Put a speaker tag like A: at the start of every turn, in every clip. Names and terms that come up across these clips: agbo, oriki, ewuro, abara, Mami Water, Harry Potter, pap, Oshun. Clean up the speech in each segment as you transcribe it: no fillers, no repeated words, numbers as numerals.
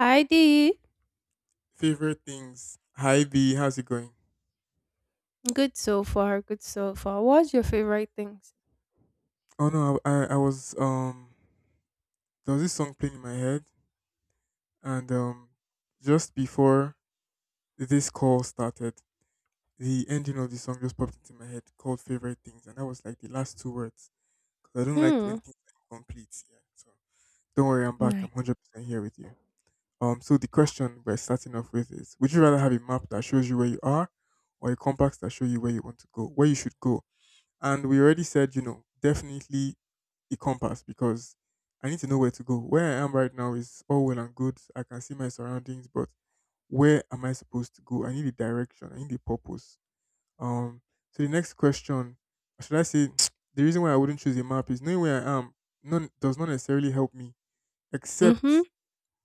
A: Hi Dee.
B: Favorite things. Hi B, how's it going?
A: Good so far. Good so far. What's your favorite things?
B: Oh no, I was there was this song playing in my head and just before this call started, the ending of the song just popped into my head called Favorite Things and that was like the last two words because I don't like when
A: Hmm.
B: things are incomplete. Yeah, so don't worry, I'm back.
A: Nice.
B: I'm 100% here with you. So the question we're starting off with is: Would you rather have a map that shows you where you are, or a compass that shows you where you want to go, where you should go? And we already said, definitely a compass because I need to know where to go. Where I am right now is all well and good. I can see my surroundings, but where am I supposed to go? I need a direction. I need a purpose. Um. So the next question, or should I say, the reason why I wouldn't choose a map is knowing where I am. None does not necessarily help me,
A: Mm-hmm.
B: except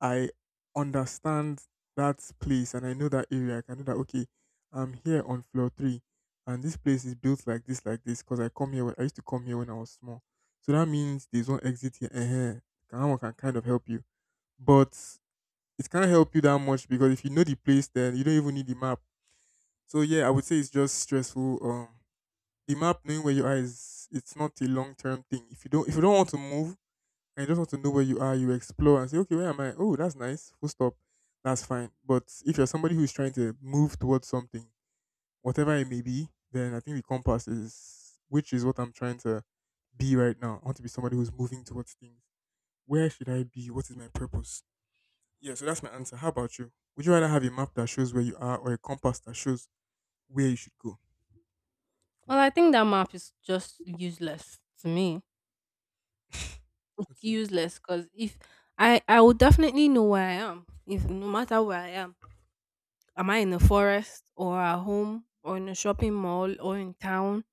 B: I understand that place and I know that area. I can know that okay, I'm here on floor three, and this place is built like this, like this. Because I come here, when, I used to come here when I was small, so that means there's one exit here. That one can kind of help you, but it can't help you that much because if you know the place, then you don't even need the map. So yeah, I would say it's just stressful. The map knowing where you are is it's not a long term thing. If you don't want to move and you just want to know where you are, you explore and say, okay, where am I? Oh, that's nice. Full stop. That's fine. But if you're somebody who's trying to move towards something, whatever it may be, then I think the compass is, which is what I'm trying to be right now. I want to be somebody who's moving towards things. Where should I be? What is my purpose? Yeah, so that's my answer. How about you? Would you rather have a map that shows where you are or a compass that shows where you should go?
A: Well, I think that map is just useless to me. It's
B: Okay.
A: useless because if I will definitely know where I am. If no matter where I am I in the forest or at home or in a shopping mall or in town?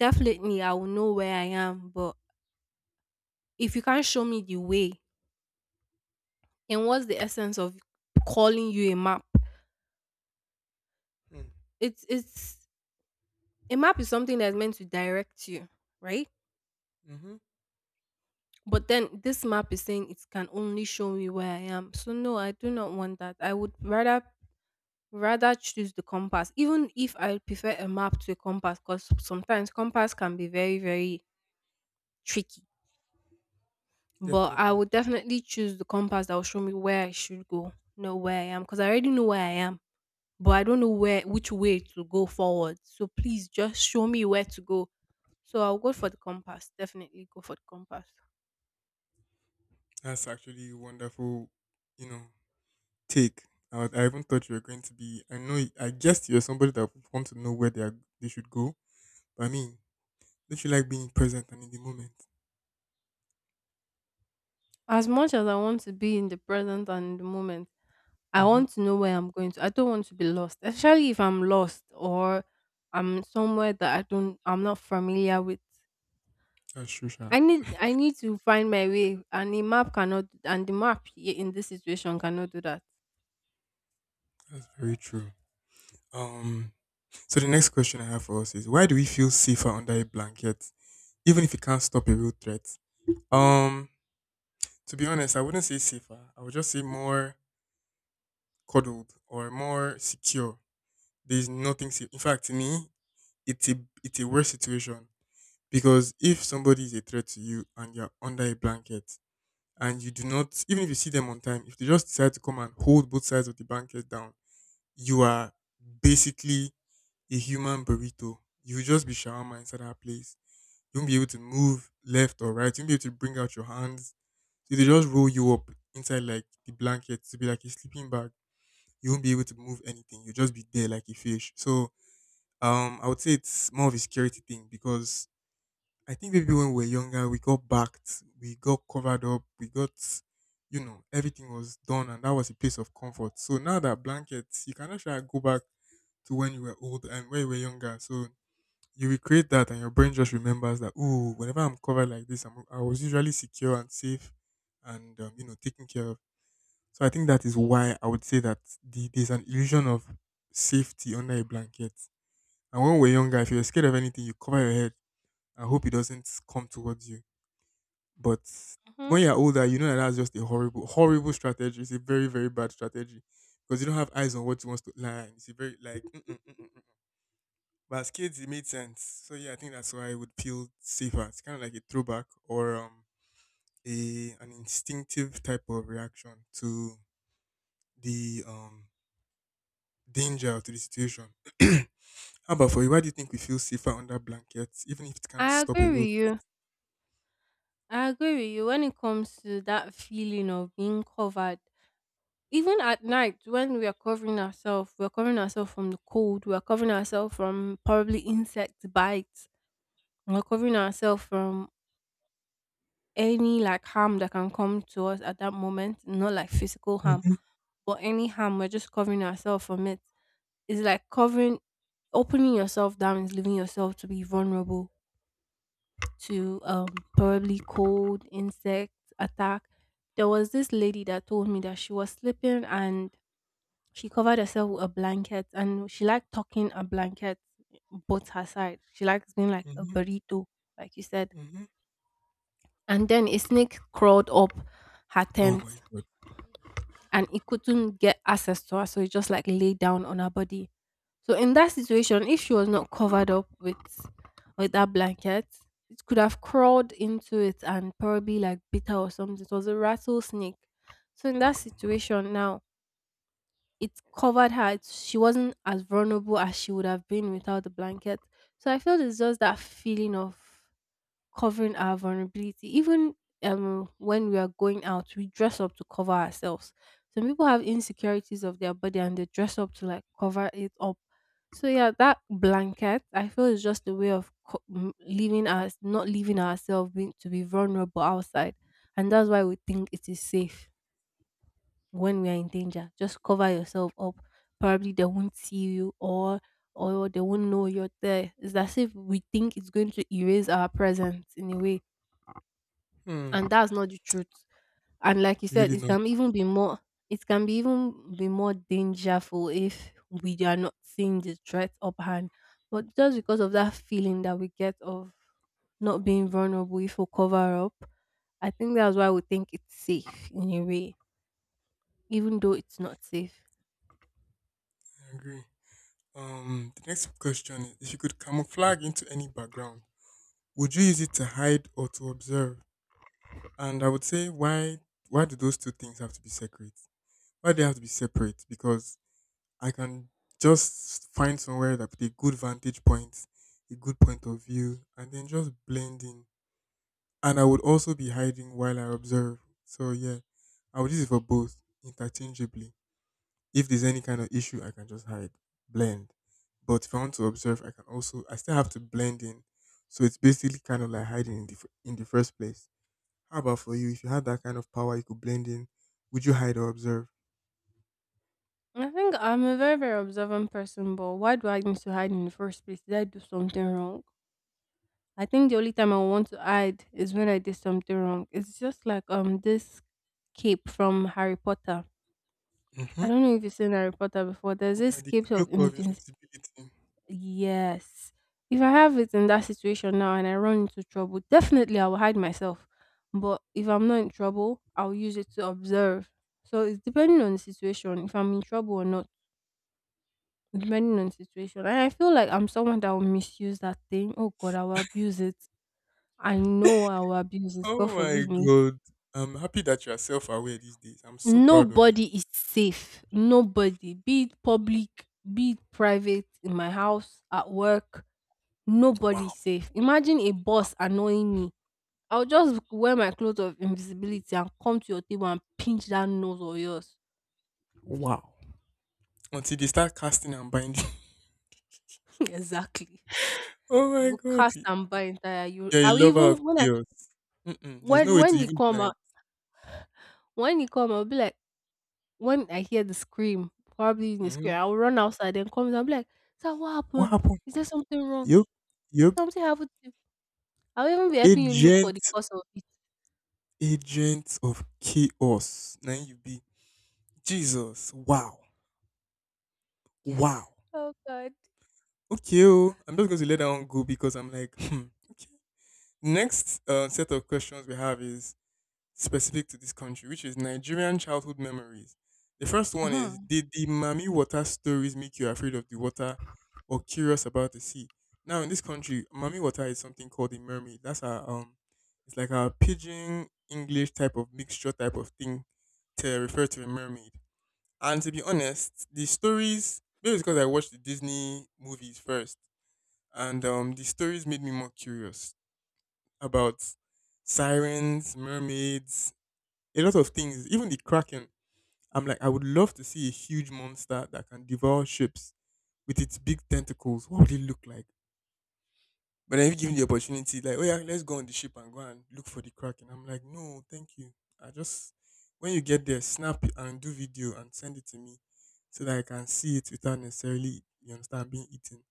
A: Definitely, I will know where I am. But if you can't show me the way, and what's the essence of calling you a map?
B: Mm.
A: It's A map is something that's meant to direct you, right?
B: Hmm.
A: But then this map is saying it can only show me where I am. So no, I do not want that. I would rather choose the compass, even if I prefer a map to a compass, because sometimes compass can be very, very tricky. But I
B: Definitely.
A: would definitely choose the compass that will show me where I should go, know where I am, because I already know where I am, but I don't know where which way to go forward. So please just show me where to go. So I'll go for the compass. Definitely go for the compass.
B: That's actually wonderful, you know, take. I, was- I even thought you were going to be. I know. I guessed you're somebody that would want to know where they are, they should go. But I mean, don't you like being present and in the moment?
A: As much as I want to be in the present and in the moment, I
B: Mm-hmm.
A: want to know where I'm going to. I don't want to be lost, especially if I'm lost or I'm somewhere that I'm not familiar with.
B: That's true, Sha.
A: I need to find my way, and the map cannot, and the in this situation cannot do that.
B: That's very true. Um. So the next question I have for us is: Why do we feel safer under a blanket, even if it can't stop a real threat? Um. To be honest, I wouldn't say safer. I would just say more coddled or more secure. There is nothing safe. In fact, to me, it's a it's a worse situation. Because if somebody is a threat to you and you're under a blanket and you do not, even if you see them on time, if they just decide to come and hold both sides of the blanket down, you are basically a human burrito. You will just be shawarma inside that place. You won't be able to move left or right. You won't be able to bring out your hands. So they just roll you up inside like the blanket to be like a sleeping bag. You won't be able to move anything. You'll just be there like a fish. So I would say it's more of a security thing because I think maybe when we were younger, we got backed, we got covered up, we got, you know, everything was done, and that was a place of comfort. So now that blanket, you cannot try go back to when you were old and when you were younger. So you recreate that, and your brain just remembers that, oh, whenever I'm covered like this, I was usually secure and safe and, taken care of. So I think that is why I would say that there's an illusion of safety under a blanket. And when we're younger, if you're scared of anything, you cover your head and hope it doesn't come towards you. But
A: Hmm.
B: when you're older, you know that that's just a horrible, horrible strategy. It's a very, very bad strategy because you don't have eyes on what you want to learn. It's a very like, mm, mm, mm, mm, mm. But as kids, it made sense. So yeah, I think that's why I would feel safer. It's kind of like a throwback or a an instinctive type of reaction to the danger or to the situation. How about for you? Why do you think we feel safer under blankets, even if it can't
A: I
B: stop a
A: agree
B: real
A: with
B: threat?
A: you. I agree with you when it comes to that feeling of being covered. Even at night, when we are covering ourselves, we're covering ourselves from the cold, we're covering ourselves from probably insect bites. Recovering ourselves from any like harm that can come to us at that moment, not like physical harm,
B: Mm-hmm,
A: but any harm, we're just covering ourselves from it. It's like covering, opening yourself down is leaving yourself to be vulnerable to probably cold, insect attack. There was this lady that told me that she was sleeping and she covered herself with a blanket and she liked tucking a blanket both her side. She likes being like a
B: mm-hmm,
A: burrito, like you said.
B: mm-hmm.
A: And then a snake crawled up her
B: Oh my
A: tent
B: god,
A: and it couldn't get access to her, so it just like lay down on her body. So in that situation, if she was not covered up with that blanket, it could have crawled into it and probably like bit her or something. It was a rattlesnake. So in that
B: damn.
A: situation now, it covered her. It, she wasn't as vulnerable as she would have been without the blanket. So I feel it's just that feeling of covering our vulnerability. Even when we are going out, we dress up to cover ourselves. Some people have insecurities of their body and they dress up to like cover it up. So yeah, that blanket I feel is just a way of leaving us, not leaving ourselves being to be vulnerable outside, and that's why we think it is safe when we are in danger. Just cover yourself up. Probably they won't see you, or they won't know you're there. It's as if we think it's going to erase our presence in a way,
B: Hmm.
A: and that's not the truth. And like you
B: You
A: said,
B: really know
A: it can be even be more dangerful if we are not seeing the threat uphand. But just because of that feeling that we get of not being vulnerable if we cover up, I think that's why we think it's safe in a way, even though it's not safe.
B: I agree. The next question is: If you could camouflage into any background, would you use it to hide or to observe? And I would say, why? Why do those two things have to be separate? Why they have to be separate? Because I can just find somewhere that with a good vantage point, a good point of view, and then just blend in. And I would also be hiding while I observe. So yeah, I would use it for both interchangeably. If there's any kind of issue, I can just hide, blend. But if I want to observe, I can also, I still have to blend in. So it's basically kind of like hiding in in the first place. How about for you? If you had that kind of power, you could blend in. Would you hide or observe?
A: I think I'm a very, very observant person, but why do I need to hide in the first place? Did I do something wrong? I think the only time I want to hide is when I did something wrong. It's just like this cape from Harry Potter.
B: Mm-hmm.
A: I don't know if you've seen Harry Potter before. There's
B: Yeah,
A: this
B: the
A: cape
B: cloak
A: of
B: of
A: invis.
B: invisibility.
A: Yes. If I have it in that situation now and I run into trouble, definitely I will hide myself. But if I'm not in trouble, I'll use it to observe. So it's depending on the situation, if I'm in trouble or not, depending on the situation. And I feel like I'm someone that will misuse that thing. Oh God, I will abuse it. I know I will abuse it. God
B: Oh my
A: forgive me.
B: god. I'm happy that you are self aware these days. I'm so proud of you.
A: Nobody is safe. Nobody, be it public, be it private, in my house, at work, nobody
B: Wow.
A: is safe. Imagine a boss annoying me. I'll just wear my clothes of invisibility and come to your table and pinch that nose of yours.
B: Wow. Until they start casting and binding.
A: Exactly.
B: Oh my
A: You
B: god.
A: cast and buy entire you.
B: You're a
A: I'll
B: lover of
A: even when I
B: chaos. Mm-mm. There's no way to
A: when you
B: even
A: come
B: deny
A: out,
B: it.
A: when you come, I'll be like when I hear the scream, probably in the scream,
B: Hmm.
A: I'll run outside and come and I'll be like, Sir, what
B: What
A: happened?
B: happened?
A: Is there something wrong?
B: Yup, yup.
A: Something happened. I'll even be helping you look for the
B: Agent,
A: cause of it.
B: agent of chaos. Now you be Jesus. Wow, wow.
A: Oh God.
B: Okay, oh, I'm just going to let that one go because I'm like, hmm. Okay. Next set of questions we have is specific to this country, which is Nigerian childhood memories. The first one is:
A: Mhm.
B: Did the Mami Water stories make you afraid of the water or curious about the sea? Now, in this country, Mami Water is something called a mermaid. That's it's like our pidgin English type of mixture type of thing to refer to a mermaid. And to be honest, the stories, maybe it's because I watched the Disney movies first, and the stories made me more curious about sirens, mermaids, a lot of things, even the Kraken. I'm like, I would love to see a huge monster that can devour ships with its big tentacles. What would it look like? But then if given the opportunity, like, oh yeah, let's go on the ship and go and look for the Kraken. I'm like, no, thank you. I just when you get there, snap it and do video and send it to me so that I can see it without necessarily you understand being eaten.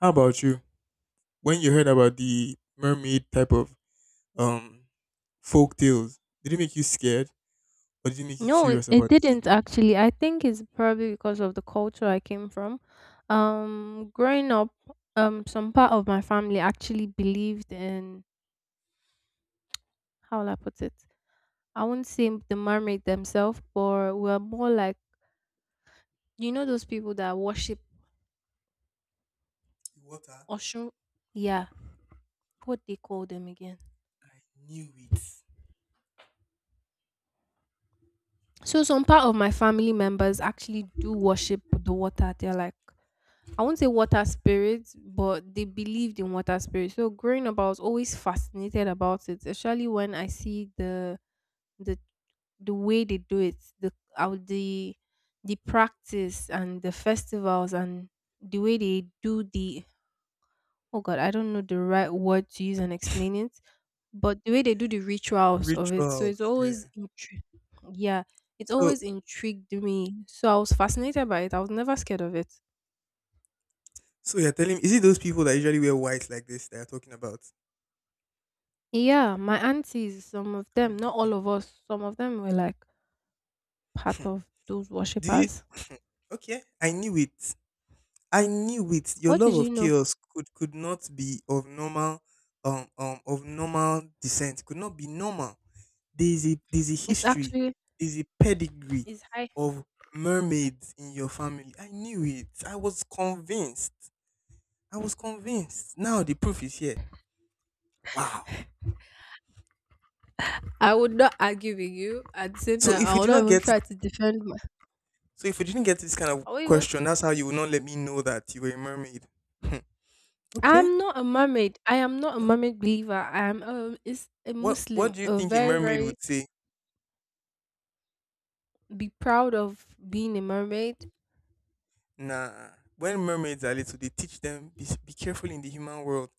B: How about you? When you heard about the mermaid type of um folk tales, did it make you scared or did it make you
A: No, it
B: curious
A: it
B: about the sea?
A: didn't actually. I think it's probably because of the culture I came from. Growing up, some part of my family actually believed in, how will I put it? I wouldn't say the mermaid themselves, but we're more like, you know those people that worship
B: Water.
A: Oshun. Yeah, what they call them again.
B: I knew it.
A: So some part of my family members actually do worship the water. They're like, I won't say water spirits, but they believed in water spirits. So growing up, I was always fascinated about it, especially when I see the way they do it, the how the practice and the festivals and the way they do the oh god, I don't know the right word to use and explain it, but the way they do the rituals of it. So it's
B: Rituals,
A: always
B: yeah.
A: yeah, it's
B: So,
A: always intrigued me. So I was fascinated by it. I was never scared of it.
B: so you're telling me, is it those people that usually wear white like this that you're talking about?
A: Yeah, my aunties, some
B: I
A: of
B: can't
A: them, not all
B: remember.
A: of us, some of them were like part
B: Hmm.
A: of those
B: Do you?
A: worshippers.
B: Okay, I knew it. I knew it. Your
A: What
B: love
A: did you
B: of
A: know?
B: chaos could not be of normal descent. Could not be normal. There's a
A: It's
B: history.
A: actually
B: There's a pedigree
A: it's high.
B: of mermaids in your family. I knew it. I was convinced. I was convinced. Now the proof is here. Wow.
A: I would not argue with you. At the same
B: So
A: time,
B: if
A: I
B: we
A: will
B: did
A: not
B: not
A: even
B: get,
A: try to defend my.
B: so if we didn't get this kind of
A: I won't even.
B: question, that's how you would not let me know that you were a mermaid. Hmm. Okay.
A: I'm not a mermaid. I am not a
B: Okay.
A: mermaid believer. I am a. is a
B: What
A: Muslim.
B: do you
A: A
B: think a
A: very
B: mermaid
A: very,
B: would say?
A: be proud of being a mermaid.
B: Nah. When mermaids are little, they teach them be careful in the human world.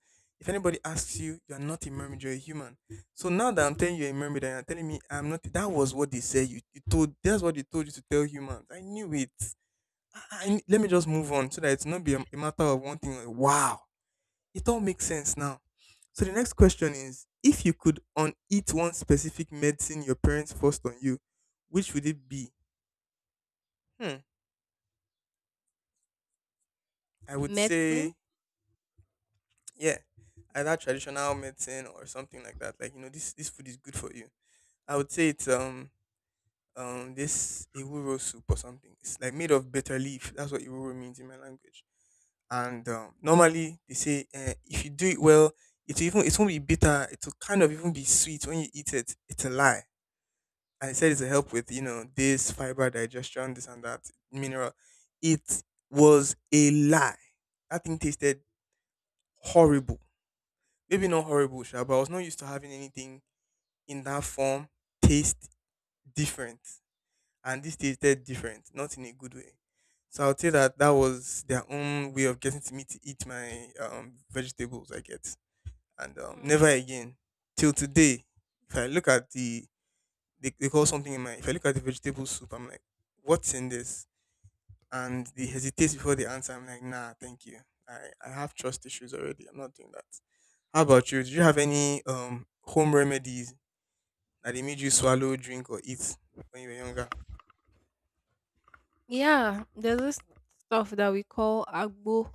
B: If anybody asks you, you are not a mermaid, you're a human. So now that I'm telling you a mermaid, and you're telling me I'm not, that was what they said. You told that's what they told you to tell humans. I knew it. Let me just move on so that it's not be a matter of one thing. Like, wow. It all makes sense now. So the next question is, if you could uneat one specific medicine your parents forced on you, which would it be? Hmm. I would say
A: Medicine.
B: yeah, either traditional medicine or something like that. Like, you know, this food is good for you. I would say it's this ewuro soup or something. It's like made of bitter leaf. That's what ewuro means in my language. And normally they say if you do it well, it won't be bitter. It will kind of even be sweet when you eat it. It's a lie, and it said it's to help with, you know, this fiber digestion, this and that mineral. It was a lie. That thing tasted horrible. Maybe not horrible, sure, but I was not used to having anything in that form taste different, and this tasted different, not in a good way. So I will say that that was their own way of getting to me to eat my vegetables. I get, and never again till today. If I look at the they call something in my, if I look at the vegetable soup, I'm like, what's in this? And they hesitate before they answer. I'm like, nah, thank you. I have trust issues already. I'm not doing that. How about you? Did you have any home remedies that they made you swallow, drink, or eat when you were younger?
A: Yeah, there's this stuff that we call agbo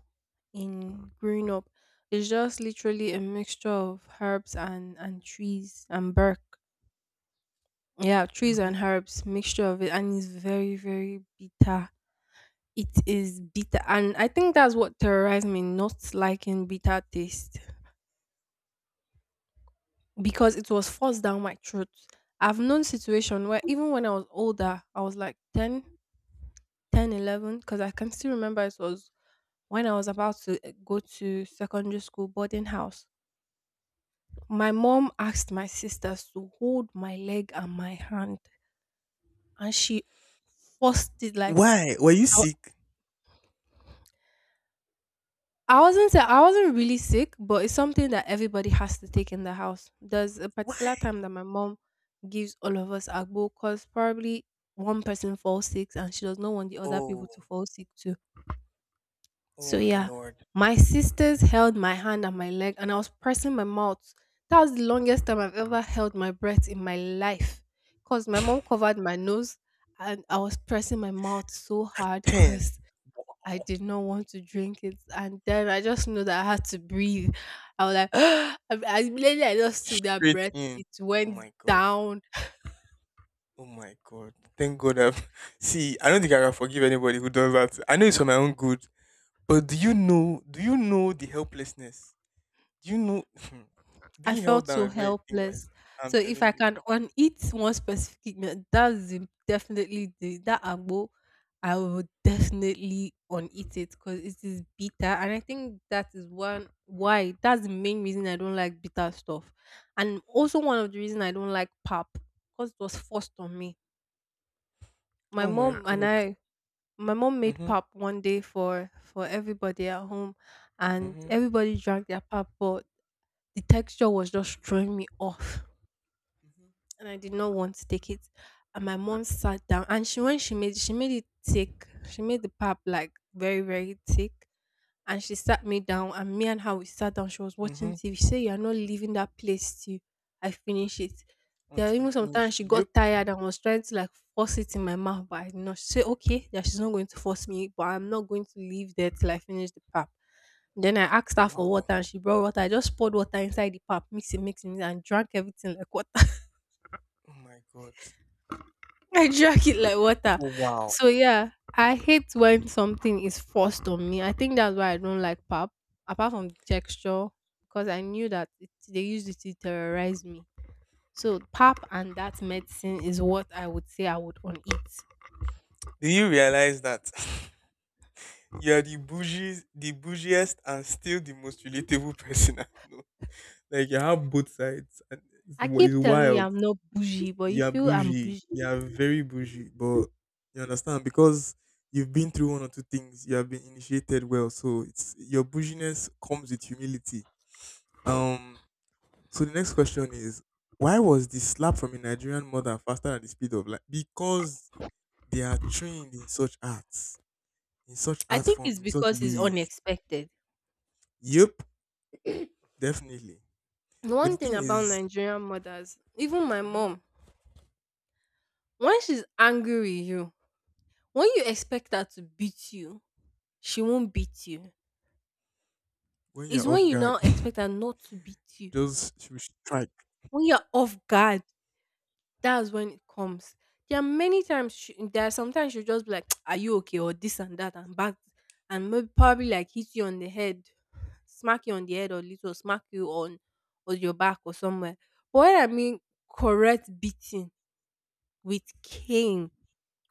A: in growing up. It's just literally a mixture of herbs and trees and bark. Yeah, trees
B: Hmm.
A: and herbs, mixture of it, and it's very very bitter. It is bitter, and I think that's what terrorized me, not liking bitter taste because it was forced down my throat. I've known situation where even when I was older, I was like 10, 11, because I can still remember it was when I was about to go to secondary school boarding house, my mom asked my sisters to hold my leg and my hand, and she forced it like.
B: Why? Were you
A: I,
B: sick?
A: I wasn't sa- I wasn't really sick, but it's something that everybody has to take in the house. There's a particular
B: Why?
A: time that my mom gives all of us agbo because probably one person falls sick and she does not want the other
B: Oh,
A: people to fall sick too.
B: oh
A: So
B: my
A: yeah,
B: lord.
A: my sisters held my hand and my leg, and I was pressing my mouth. That was the longest time I've ever held my breath in my life, cause my mom covered my nose, and I was pressing my mouth so hard,
B: Ten.
A: cause I
B: Oh,
A: did not want to drink it. And then I just knew that I had to breathe. I was like, I, immediately I just took that
B: straight
A: breath.
B: in.
A: It
B: Oh
A: went
B: my god.
A: down.
B: Oh my god. Thank God I've see, I don't think I can forgive anybody who does that. I know it's for my own good. But do you know? Do you know the helplessness? Do you know
A: I
B: being held
A: felt
B: down
A: so
B: is not a thing that is.
A: helpless.
B: I'm
A: So if
B: telling
A: I
B: you.
A: can on eat one specific meal, definitely the that agbo. I would definitely on eat it because it is bitter, and I think that is one why that's the main reason I don't like bitter stuff, and also one of the reason I don't like pap because it was forced on me. My
B: Oh my
A: mom and
B: god.
A: I, my mom made
B: Mhm.
A: pap one day for everybody at home, and
B: Mhm.
A: everybody drank their pap, but the texture was just throwing me off,
B: Mhm.
A: and I did not want to take it. And my mom sat down and she made it thick. She made the pap like very, very thick. And she sat me down and me and her we sat down. She was watching
B: Mhm.
A: TV. She said, You are not leaving that place till I finish it. There are
B: Until you
A: even
B: finish.
A: sometimes she got
B: Yep.
A: tired and was trying to like force it in my mouth, but I did not she said, Okay, that she's not going to force me, but I'm not going to leave there till I finish the pap. Then I asked her for water
B: Wow.
A: and she brought water. I just poured water inside the pap, mix it, mix it, mix it, and drank everything like water.
B: Oh my god.
A: I drag it like water.
B: Oh, wow.
A: So yeah, I hate when something is forced on me. I think that's why I don't like pap. Apart from the texture, because I knew that they used it to terrorize me. So pap and that medicine is what I would say I would on it.
B: Do you realize that you are the bougies, the bougiest, and still the most relatable person I know? Like you have both sides, and
A: I
B: it's
A: keep telling you
B: wild.
A: I'm not bougie, but you
B: You're
A: feel I'm
B: bougie.
A: bougie.
B: You're very bougie. But you understand, because you've been through one or two things. You have been initiated well. So it's your bouginess comes with humility. Um so the next question is, why was the slap from a Nigerian mother faster than the speed of light? Because they are trained in such arts, in such
A: I
B: art
A: think it's
B: forms, in such
A: because it's
B: ways.
A: unexpected.
B: Yep, definitely.
A: The
B: But
A: one
B: the
A: thing
B: thing
A: about
B: is,
A: Nigerian mothers, even my
B: mhm,
A: mom, when she's angry with you, when you expect her to beat you, she won't beat you.
B: when
A: Is
B: you're off
A: when you
B: guard,
A: now expect her not to beat you.
B: just she will strike.
A: When you're off guard, that's when it comes. There are many times, there are sometimes she'll just be like, Are you okay? Or this and that, and back, and maybe probably like hit you on the head, smack you on the head, or little smack you on, or your back, or somewhere. But when I mean correct beating with cane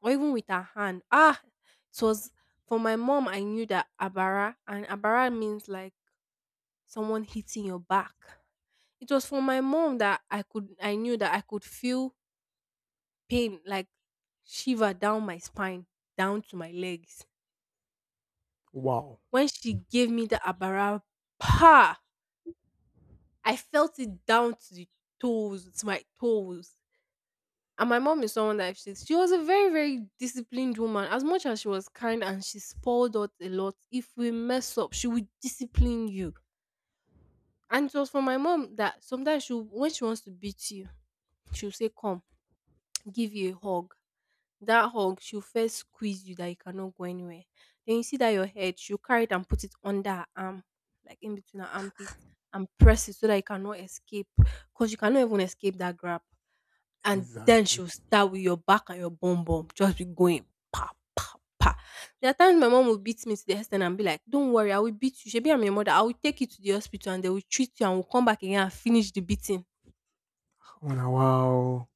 A: or even with her hand, it was for my mom. I knew that Abara, and Abara means like someone hitting your back. It was from my mom that I knew that I could feel pain like shiver down my spine, down to my legs.
B: Wow.
A: When she gave me the abara pa, I felt it down to the toes, to my toes. And my mom is someone that she was a very, very disciplined woman. As much as she was kind and she spoiled us a lot, if we mess up, she would discipline you. And it was for my mom that sometimes she when she wants to beat you, she'll say, Come. Give you a hug. That hug, she'll first squeeze you that you cannot go anywhere. Then you see that your head, she'll carry it and put it under her arm, like in between her armpit, and press it so that you cannot escape. Because you cannot even escape that grab. And then
B: Exactly.
A: she'll start with your back and your bum bum, just be going pa pa pa. There are times my mom will beat me to the extent and be like, Don't worry, I will beat you. She I'm your mother, I will take you to the hospital and they will treat you and we'll come back again and finish the beating.
B: Oh, now, wow.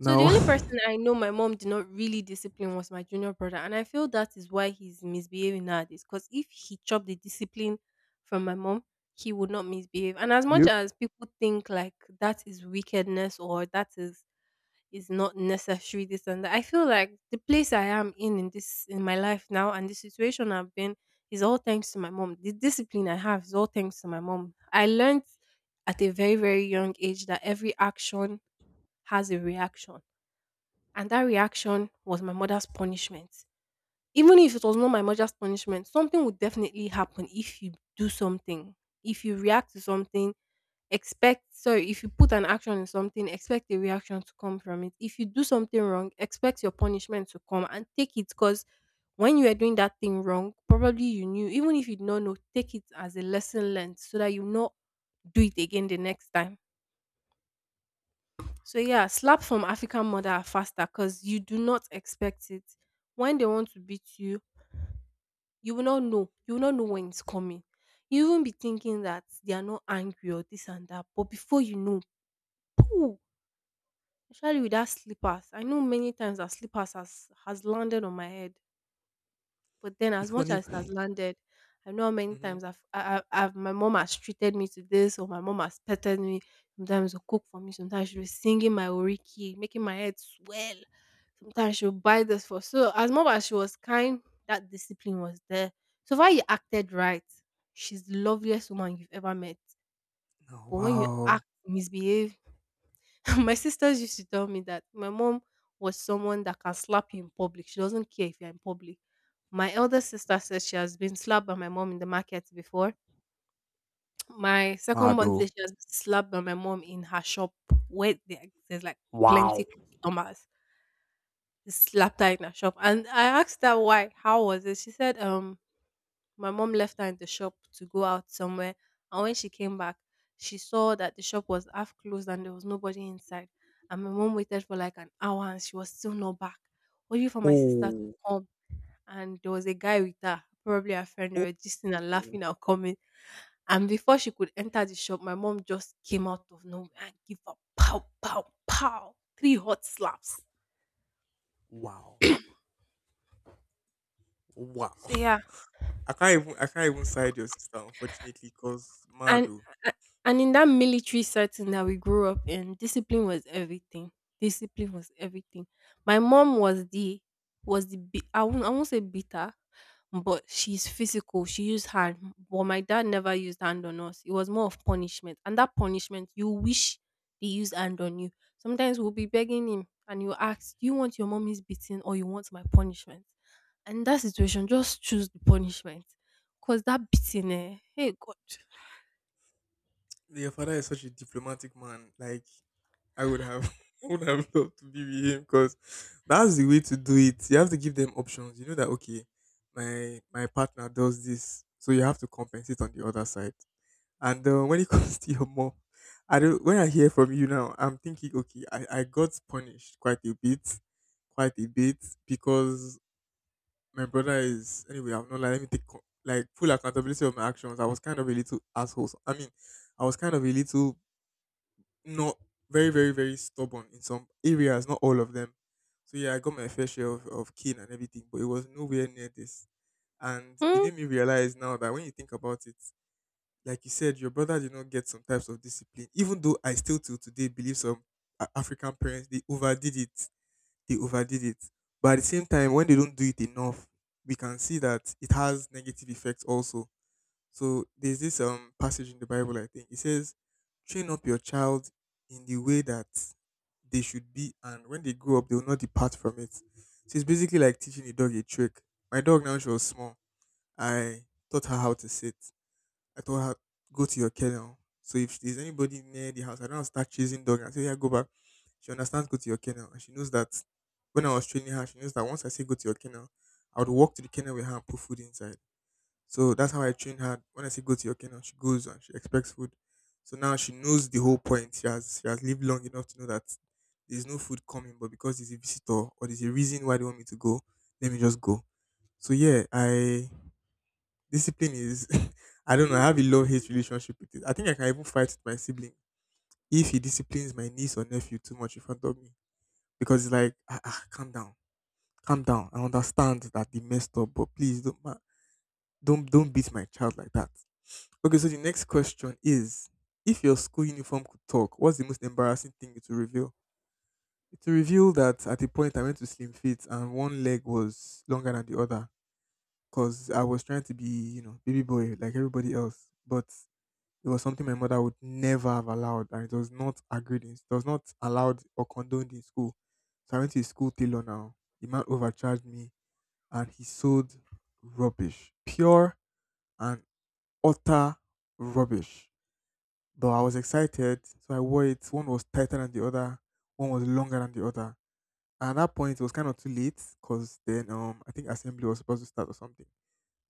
A: So the only person I know my mom did not really discipline was my junior brother, and I feel that is why he's misbehaving nowadays. Because if he chopped the discipline from my mom, he would not misbehave. And as much
B: You
A: as people think like that is wickedness or that is not necessary, this and that, I feel like the place I am in my life now and the situation I've been is all thanks to my mom. The discipline I have is all thanks to my mom. I learned at a very very young age that every action has a reaction and that reaction was my mother's punishment. Even if it was not my mother's punishment, something would definitely happen if you do something. If you react to something, expect sorry, if you put an action in something, expect a reaction to come from it. If you do something wrong, expect your punishment to come and take it because when you are doing that thing wrong, probably you knew, even if you did not know, take it as a lesson learned so that you not do it again the next time. So yeah, slaps from African mother are faster because you do not expect it. When they want to beat you, you will not know. You will not know when it's coming. You won't be thinking that they are not angry or this and that. But before you know, pooh, especially with that slippers. I know many times that slippers has landed on my head. But then, as
B: if
A: much
B: only
A: as it
B: mm-hmm.
A: has landed, I know how many times I've, I- I've my mom has treated me to this, or my mom has petted me. Sometimes she'll cook for me. Sometimes she'll be singing my oriki, making my head swell. Sometimes she'll buy this for. So as much as she was kind, that discipline was there. So far, you acted right. She's the loveliest woman you've ever met.
B: No,
A: But when you
B: wow.
A: act, misbehave, my sisters used to tell me that my mom was someone that can slap you in public. She doesn't care if you're in public. My elder sister says she has been slapped by my mom in the market before. My second one
B: Mado.
A: says she has been slapped by my mom in her shop where there's like
B: Wow.
A: plenty customers. They slapped her in her shop. And I asked her why. How was it? She said, my mom left her in the shop to go out somewhere, and when she came back, she saw that the shop was half closed and there was nobody inside. And my mom waited for like an hour and she was still not back, waiting for my sister to
B: Oh.
A: come. And there was a guy with her, probably a friend, they were gisting and
B: Oh.
A: laughing and coming. And before she could enter the shop, my mom just came out of nowhere and gave her pow, pow, pow, three hot slaps.
B: Wow. Wow.
A: So yeah.
B: I can't even, I can't even side your sister, unfortunately, because
A: And
B: Mado.
A: a- and in that military setting that we grew up in, discipline was everything. Discipline was everything. My mom was the I won't say bitter, but she's physical. She used hand, but my dad never used hand on us. It was more of punishment, and that punishment you wish they used hand on you. Sometimes we'll be begging him, and you ask, "Do you want your mommy's beating or you want my punishment?" And in that situation, just choose the punishment, cause that beating, hey God.
B: Your father is such a diplomatic man. Like, I would have I would have loved to be with him, because that's the way to do it. You have to give them options. You know that, okay, my partner does this, so you have to compensate on the other side. And when it comes to your mom, I don't. When I hear from you now, I'm thinking, okay, I got punished quite a bit, quite a bit, because my brother is anyway. I'm not, like, let me take like full accountability of my actions. I was kind of a little asshole. So, I mean, I was kind of a little not very, very, very stubborn in some areas, not all of them. So yeah, I got my fair share of kin and everything, but it was nowhere near this. And it
A: Hmm?
B: made me realize now that when you think about it, like you said, your brother did not get some types of discipline. Even though I still till today believe some African parents, they overdid it, they overdid it. But at the same time, when they don't do it enough, we can see that it has negative effects also. So there's this passage in the Bible, I think it says, "Train up your child in the way that they should be, and when they grow up, they will not depart from it." So it's basically like teaching a dog a trick. My dog now, she was small. I taught her how to sit. I told her, go to your kennel. So if there's anybody near the house, I don't have to start chasing dog. And say, yeah, go back. She understands, go to your kennel. And she knows that when I was training her, she knows that once I say go to your kennel, I would walk to the kennel with her and put food inside. So that's how I train her. When I say go to your kennel, she goes and she expects food. So now she knows the whole point. She has, she has lived long enough to know that there's no food coming, but because there's a visitor or there's a reason why they want me to go, let me just go. So yeah, I discipline is I don't know, I have a love hate relationship with it. I think I can even fight with my sibling if he disciplines my niece or nephew too much in front of me. Because it's like, ah, ah, calm down. Calm down. I understand that they messed up, but please don't beat my child like that. Okay, so the next question is, if your school uniform could talk, what's the most embarrassing thing it will reveal? It will reveal that at a point I went to slim fit and one leg was longer than the other, because I was trying to be, you know, baby boy like everybody else. But it was something my mother would never have allowed, and it was not agreed in, it was not allowed or condoned in school. So I went to a school tailor now. The man overcharged me, and he sold rubbish, pure and utter rubbish. But I was excited, so I wore it. One was tighter than the other, one was longer than the other. And at that point, it was kind of too late, because then I think assembly was supposed to start or something.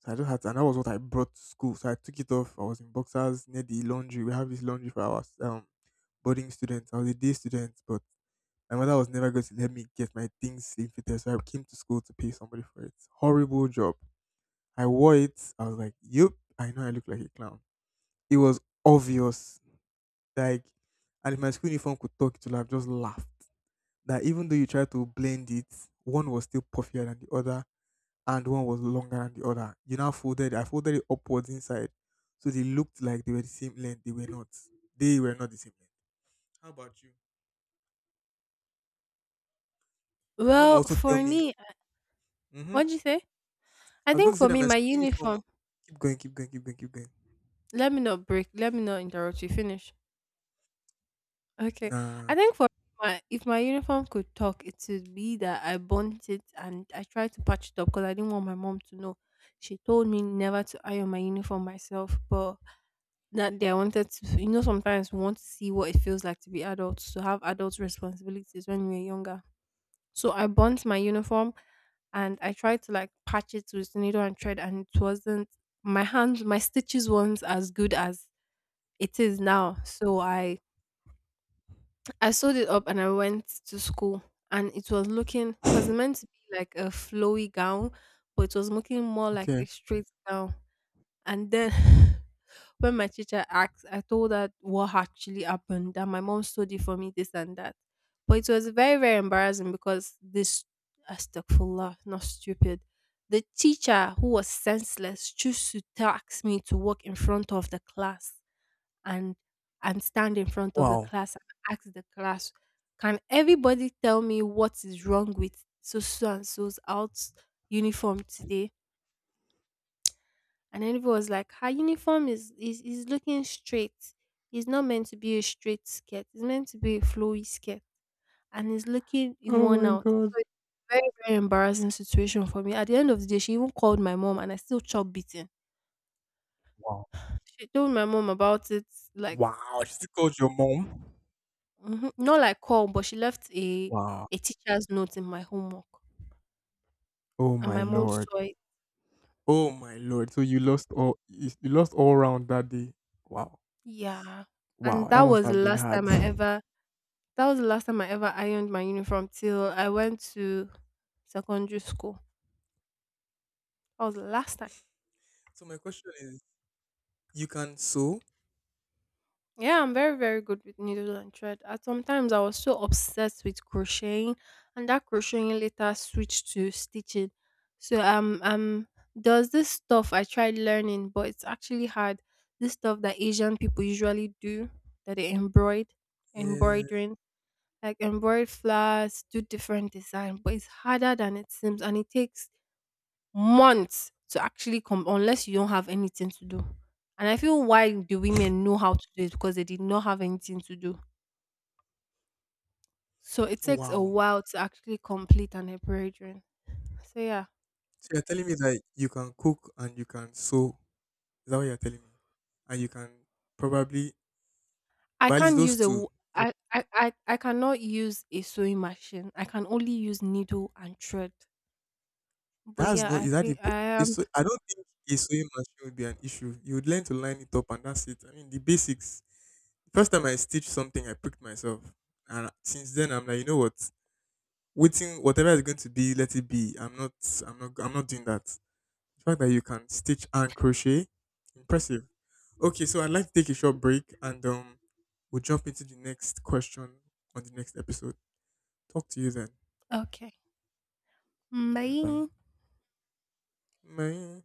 B: So I just had, to, and that was what I brought to school. So I took it off. I was in boxers near the laundry. We have this laundry for our boarding student. I was a day student, but my mother was never going to let me get my things infitted, so I came to school to pay somebody for it. Horrible job. I wore it. I was like, "Yup, I know I look like a clown." It was obvious. Like, and if my school uniform could talk, it would have just laughed. That even though you try to blend it, one was still puffier than the other, and one was longer than the other. You now folded. I folded it upwards inside, so they looked like they were the same length. They were not. They were not the same length. How about you? My uniform
A: Well,
B: also tell
A: for
B: me.
A: me,
B: Mhm.
A: what'd you say? I
B: I was going
A: think
B: to say
A: for
B: that
A: me,
B: my
A: my
B: school uniform.
A: uniform.
B: Keep going, keep going, keep going, keep going.
A: Let me not break. Let me not interrupt you. Finish. Okay.
B: Nah.
A: I think for my if my uniform could talk, it would be that I burnt it and I tried to patch it up because I didn't want my mom to know. She told me never to iron my uniform myself, but that day I wanted to. You know, sometimes we want to see what it feels like to be adults, to have adult responsibilities when we are younger. So I burnt my uniform and I tried to like patch it with needle and thread and it wasn't my stitches weren't as good as it is now. So I sewed it up and I went to school and it was looking because it meant to be like a flowy gown, but it was looking more like
B: Okay.
A: a straight gown. And then when my teacher asked, I told her what actually happened, that my mom stood it for me, this and that. But it was very, very embarrassing because this, astagfirullah, not stupid. The teacher who was senseless chose to task me to walk in front of the class and and stand in front of the
B: Wow.
A: class and ask the class, can everybody tell me what is wrong with so and so's out uniform today? And then everyone was like, her uniform is looking straight. It's not meant to be a straight skirt. It's meant to be a flowy skirt. And it's looking
B: Oh
A: worn
B: my
A: out. So
B: god.
A: it's a very, very embarrassing situation for me. At the end of the day, she even called my mom and I still chop beaten.
B: Wow.
A: She told my mom about it, like
B: Wow. She still called your mom.
A: mhm, not like call, but she left a
B: Wow.
A: a teacher's note in my homework.
B: Oh
A: And
B: my
A: my mom
B: lord.
A: saw it.
B: Oh my lord. So you lost all. You lost all round that day. Wow.
A: Yeah. And
B: Wow. That must have been hard.
A: That was the last time I ever ironed my uniform till I went to secondary school. That was the last time.
B: So my question is, you can sew.
A: Yeah, I'm very, very good with needle and thread. At sometimes I was so obsessed with crocheting, and that crocheting later switched to stitching. So there's this stuff I tried learning, but it's actually hard. This stuff that Asian people usually do, that they embroider,
B: Yeah.
A: embroidering, like embroidered flowers, do different design, but it's harder than it seems, and it takes months to actually come unless you don't have anything to do. And I feel why the women know how to do it because they did not have anything to do. So it takes a
B: Wow.
A: while to actually complete an epidural. So yeah,
B: So you're telling me that you can cook and you can sew. Is that what you're telling me? And you can probably,
A: I
B: but at least
A: can't
B: those
A: use a
B: two.
A: I cannot use a sewing machine. I can only use needle and thread. But
B: That's
A: yeah,
B: not,
A: I
B: is that the
A: think I
B: it's
A: am
B: so, I don't think a sewing machine would be an issue. You would learn to line it up and that's it. I mean the basics. First time I stitched something I pricked myself. And since then I'm like, you know what? Waiting whatever is going to be, let it be. I'm not doing that. The fact that you can stitch and crochet, impressive. Okay, so I'd like to take a short break and we'll jump into the next question on the next episode. Talk to you then.
A: okay.
B: All right, bye.
A: Bye.
B: Bye.